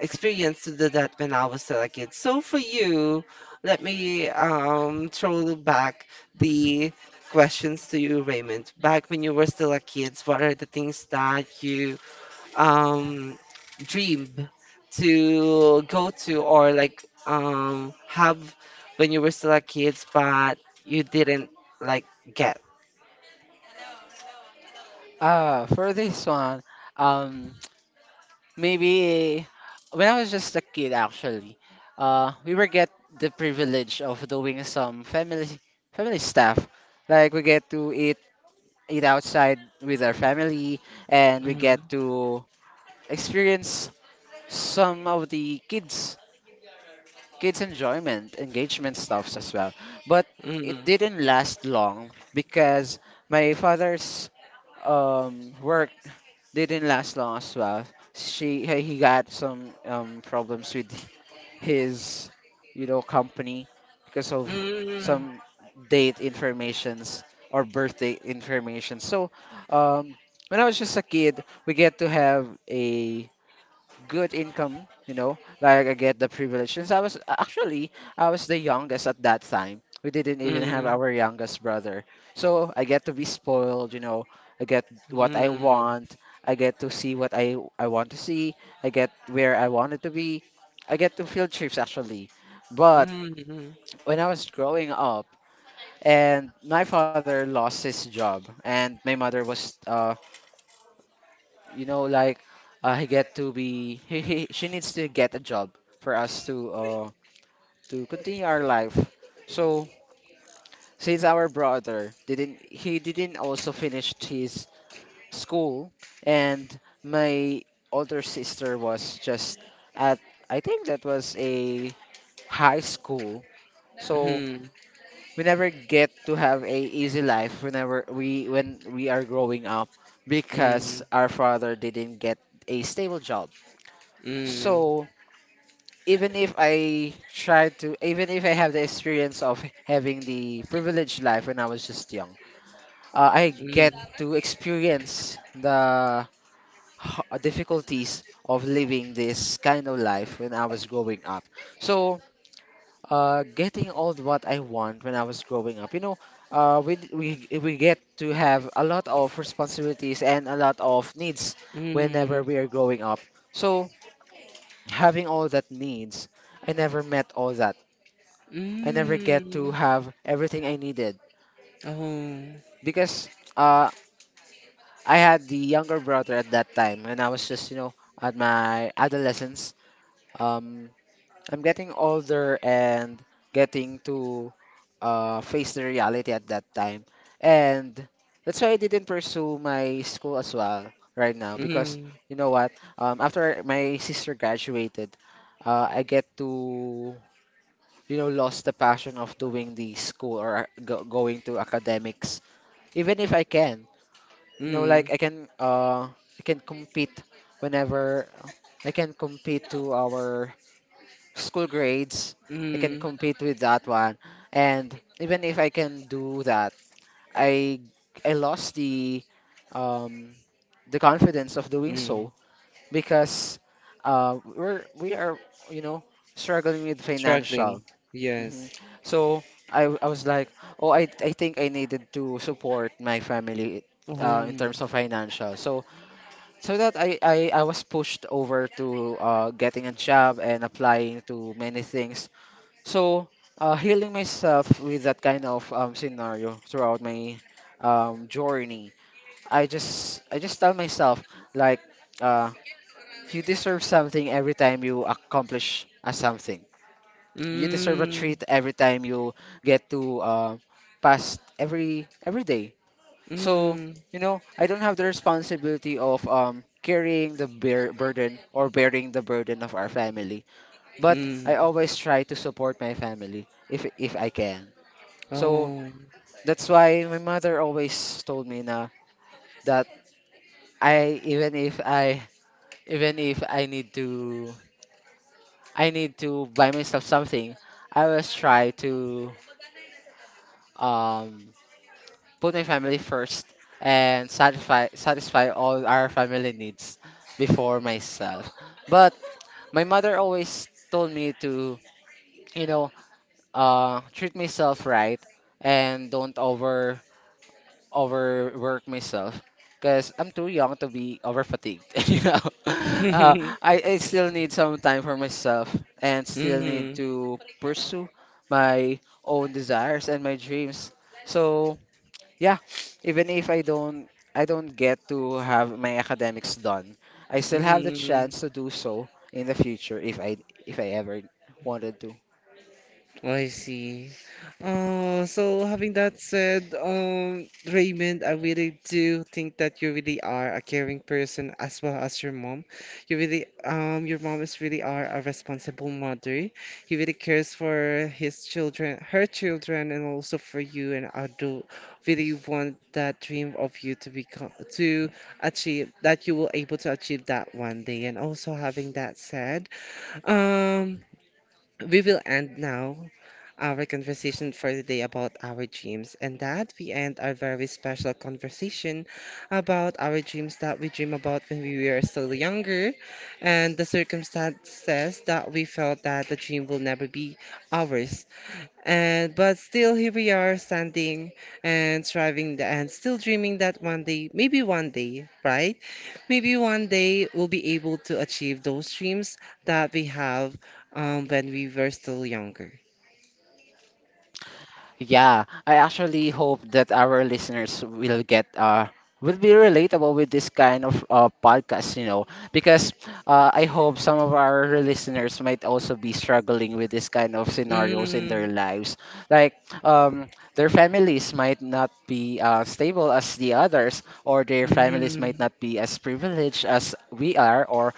experience to do that when I was still a kid. So for you, let me throw back the questions to you, Raymond. Back when you were still a kid, what are the things that you um dream to go to, or like have when you were still a kids, but you didn't like get? Ah, for this one, um maybe when I was just a kid, actually, we were get the privilege of doing some family stuff. Like we get to eat outside with our family, and we Mm-hmm. get to experience some of the kids' enjoyment, engagement stuffs as well. But it Mm-hmm. didn't last long because my father's work didn't last long as well. She he got some problems with his you know company because of Mm-hmm. some date informations or birthday information. So um, when I was just a kid, we get to have a good income, you know, like I get the privilege. Since I was actually I was the youngest at that time. We didn't even have our youngest brother. So I get to be spoiled, you know. I get what I Mm-hmm. want. I get to see what I want to see. I get where I wanted to be. I get to field trips actually. But Mm-hmm. Mm-hmm. when I was growing up and my father lost his job and my mother was you know like he get to be he she needs to get a job for us to continue our life so since our brother didn't he didn't also finish his school and my older sister was just at I think that was a high school so we never get to have a easy life when we are growing up Mm-hmm. because our father didn't get a stable job Mm-hmm. so even if I tried to, even if I have the experience of having the privileged life when I was just young, I get to experience the difficulties of living this kind of life when I was growing up. So, getting all what I want when I was growing up, you know, we get to have a lot of responsibilities and a lot of needs whenever we Mm-hmm. are growing up. So, having all that needs, I never met all that I never get Mm-hmm. to have everything I needed Oh. because uh, I had the younger brother at that time when I was just, you know, at my adolescence. Um, I'm getting older and getting to face the reality at that time. And that's why I didn't pursue my school as well right now because, Mm-hmm. you know what, after my sister graduated, I get to you know, lost the passion of doing the school or going to academics. Even if I can, you know, Mm-hmm. like I can compete whenever I can compete to our school grades. I can compete with that one, and even if I can do that, I I lost um the confidence of doing Mm-hmm. so because we are you know struggling with Struggling. financial. hmm Yes. So I was like, oh, I think I needed to support my family Oh. In terms of financial. So so that I was pushed over to getting a job and applying to many things. So healing myself with that kind of scenario throughout my journey, I just tell myself like uh, you deserve something every time you accomplish a something, you deserve a Mm, treat every time you get to pass every day. So mm, you know, I don't have the responsibility of carrying the bear burden or bearing the burden of our family, but mm. I always try to support my family if I can. So Oh. that's why my mother always told me na that I even if I even if I need to I need to buy myself something, I always try to um put my family first and satisfy all our family needs before myself. But my mother always told me to, you know, treat myself right and don't over overwork myself because I'm too young to be over fatigued. You know, uh, I still need some time for myself and still need Mm-hmm. to pursue my own desires and my dreams. So yeah, even if I don't get to have my academics done, I still have the Mm-hmm. chance to do so in the future if I ever wanted to. I see. So having that said, Raymond, I really do think that you really are a caring person as well as your mom. You really, your mom is really are a responsible mother. He really cares for his children, her children, and also for you. And I do really want that dream of you to become to achieve, that you will able to achieve that one day. And also having that said, um we will end now our conversation for today about our dreams, and that we end our very special conversation about our dreams that we dream about when we were still younger, and the circumstances that we felt that the dream will never be ours. And but still here we are standing and striving and still dreaming that one day, maybe one day, right? Maybe one day we'll be able to achieve those dreams that we have when we were still younger. Yeah, I actually hope that our listeners will get will be relatable with this kind of podcast, you know, because I hope some of our listeners might also be struggling with this kind of scenarios in their Mm, lives. Like um, their families might not be stable as the others, or their families might mm-hmm, not be as privileged as we are, or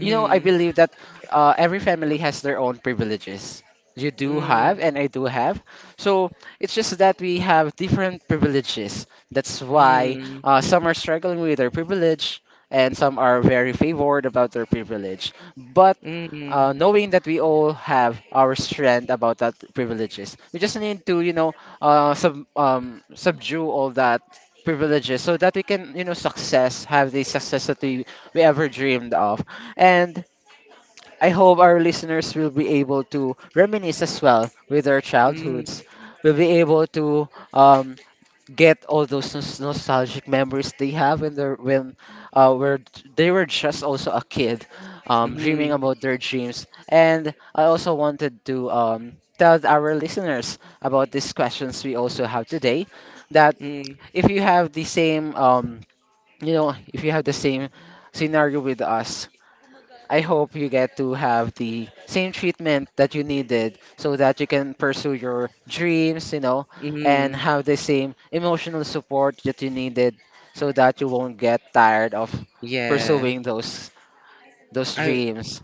you know, I believe that every family has their own privileges. You do have, and I do have. So it's just that we have different privileges. That's why mm, some are struggling with their privilege, and some are very favored about their privilege. But mm, mm, knowing that we all have our strength about that privileges, we just need to, you know, subdue all that privileges so that we can, you know, have the success that we ever dreamed of and I hope our listeners will be able to reminisce as well with their mm, childhoods. Will be able to get all those nostalgic memories they have when were they were just also a kid, dreaming mm, about their dreams. And I also wanted to tell our listeners about these questions we also have today. That mm, if you have the same you know if you have the same scenario with us, I hope you get to have the same treatment that you needed so that you can pursue your dreams, you know, and mm. have the same emotional support that you needed so that you won't get tired of Yeah. pursuing those I dreams.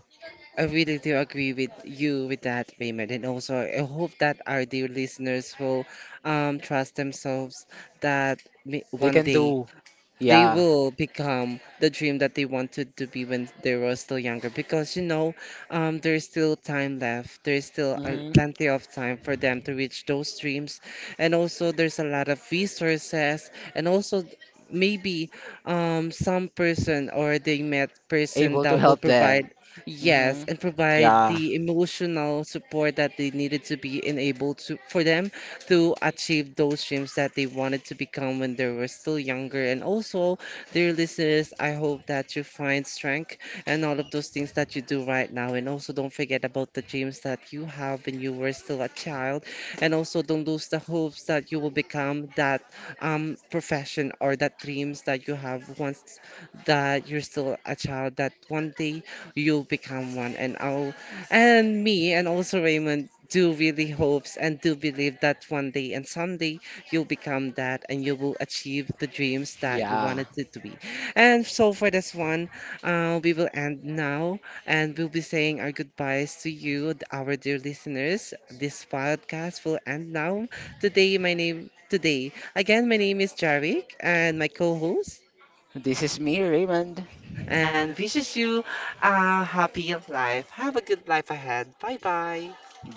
I really do agree with you with that payment, and also I hope that our dear listeners will trust themselves that may- They one can day do, they yeah, will become the dream that they wanted to be when they were still younger, because you know there's still time left, there's still hmm plenty of time for them to reach those dreams, and also there's a lot of resources, and also maybe some person or they met person able to that will help provide, them. yes, Hmm. and provide Yeah, the emotional support that they needed to be enabled to for them to achieve those dreams that they wanted to become when they were still younger. And also, dear listeners, I hope that you find strength and all of those things that you do right now. And also, don't forget about the dreams that you have when you were still a child. And also, don't lose the hopes that you will become that profession or that dreams that you have once that you're still a child, that one day you'll become one. And me and also Raymond do really hopes and do believe that one day and someday you'll become that and you will achieve the dreams that you yeah. wanted it to be. And so for this one, we will end now and we'll be saying our goodbyes to you, our dear listeners. This podcast will end now. Today, again, my name is Jarvik and my co-host This is me, Raymond. and wishes you a happy life. Have a good life ahead. Bye bye.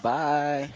Bye.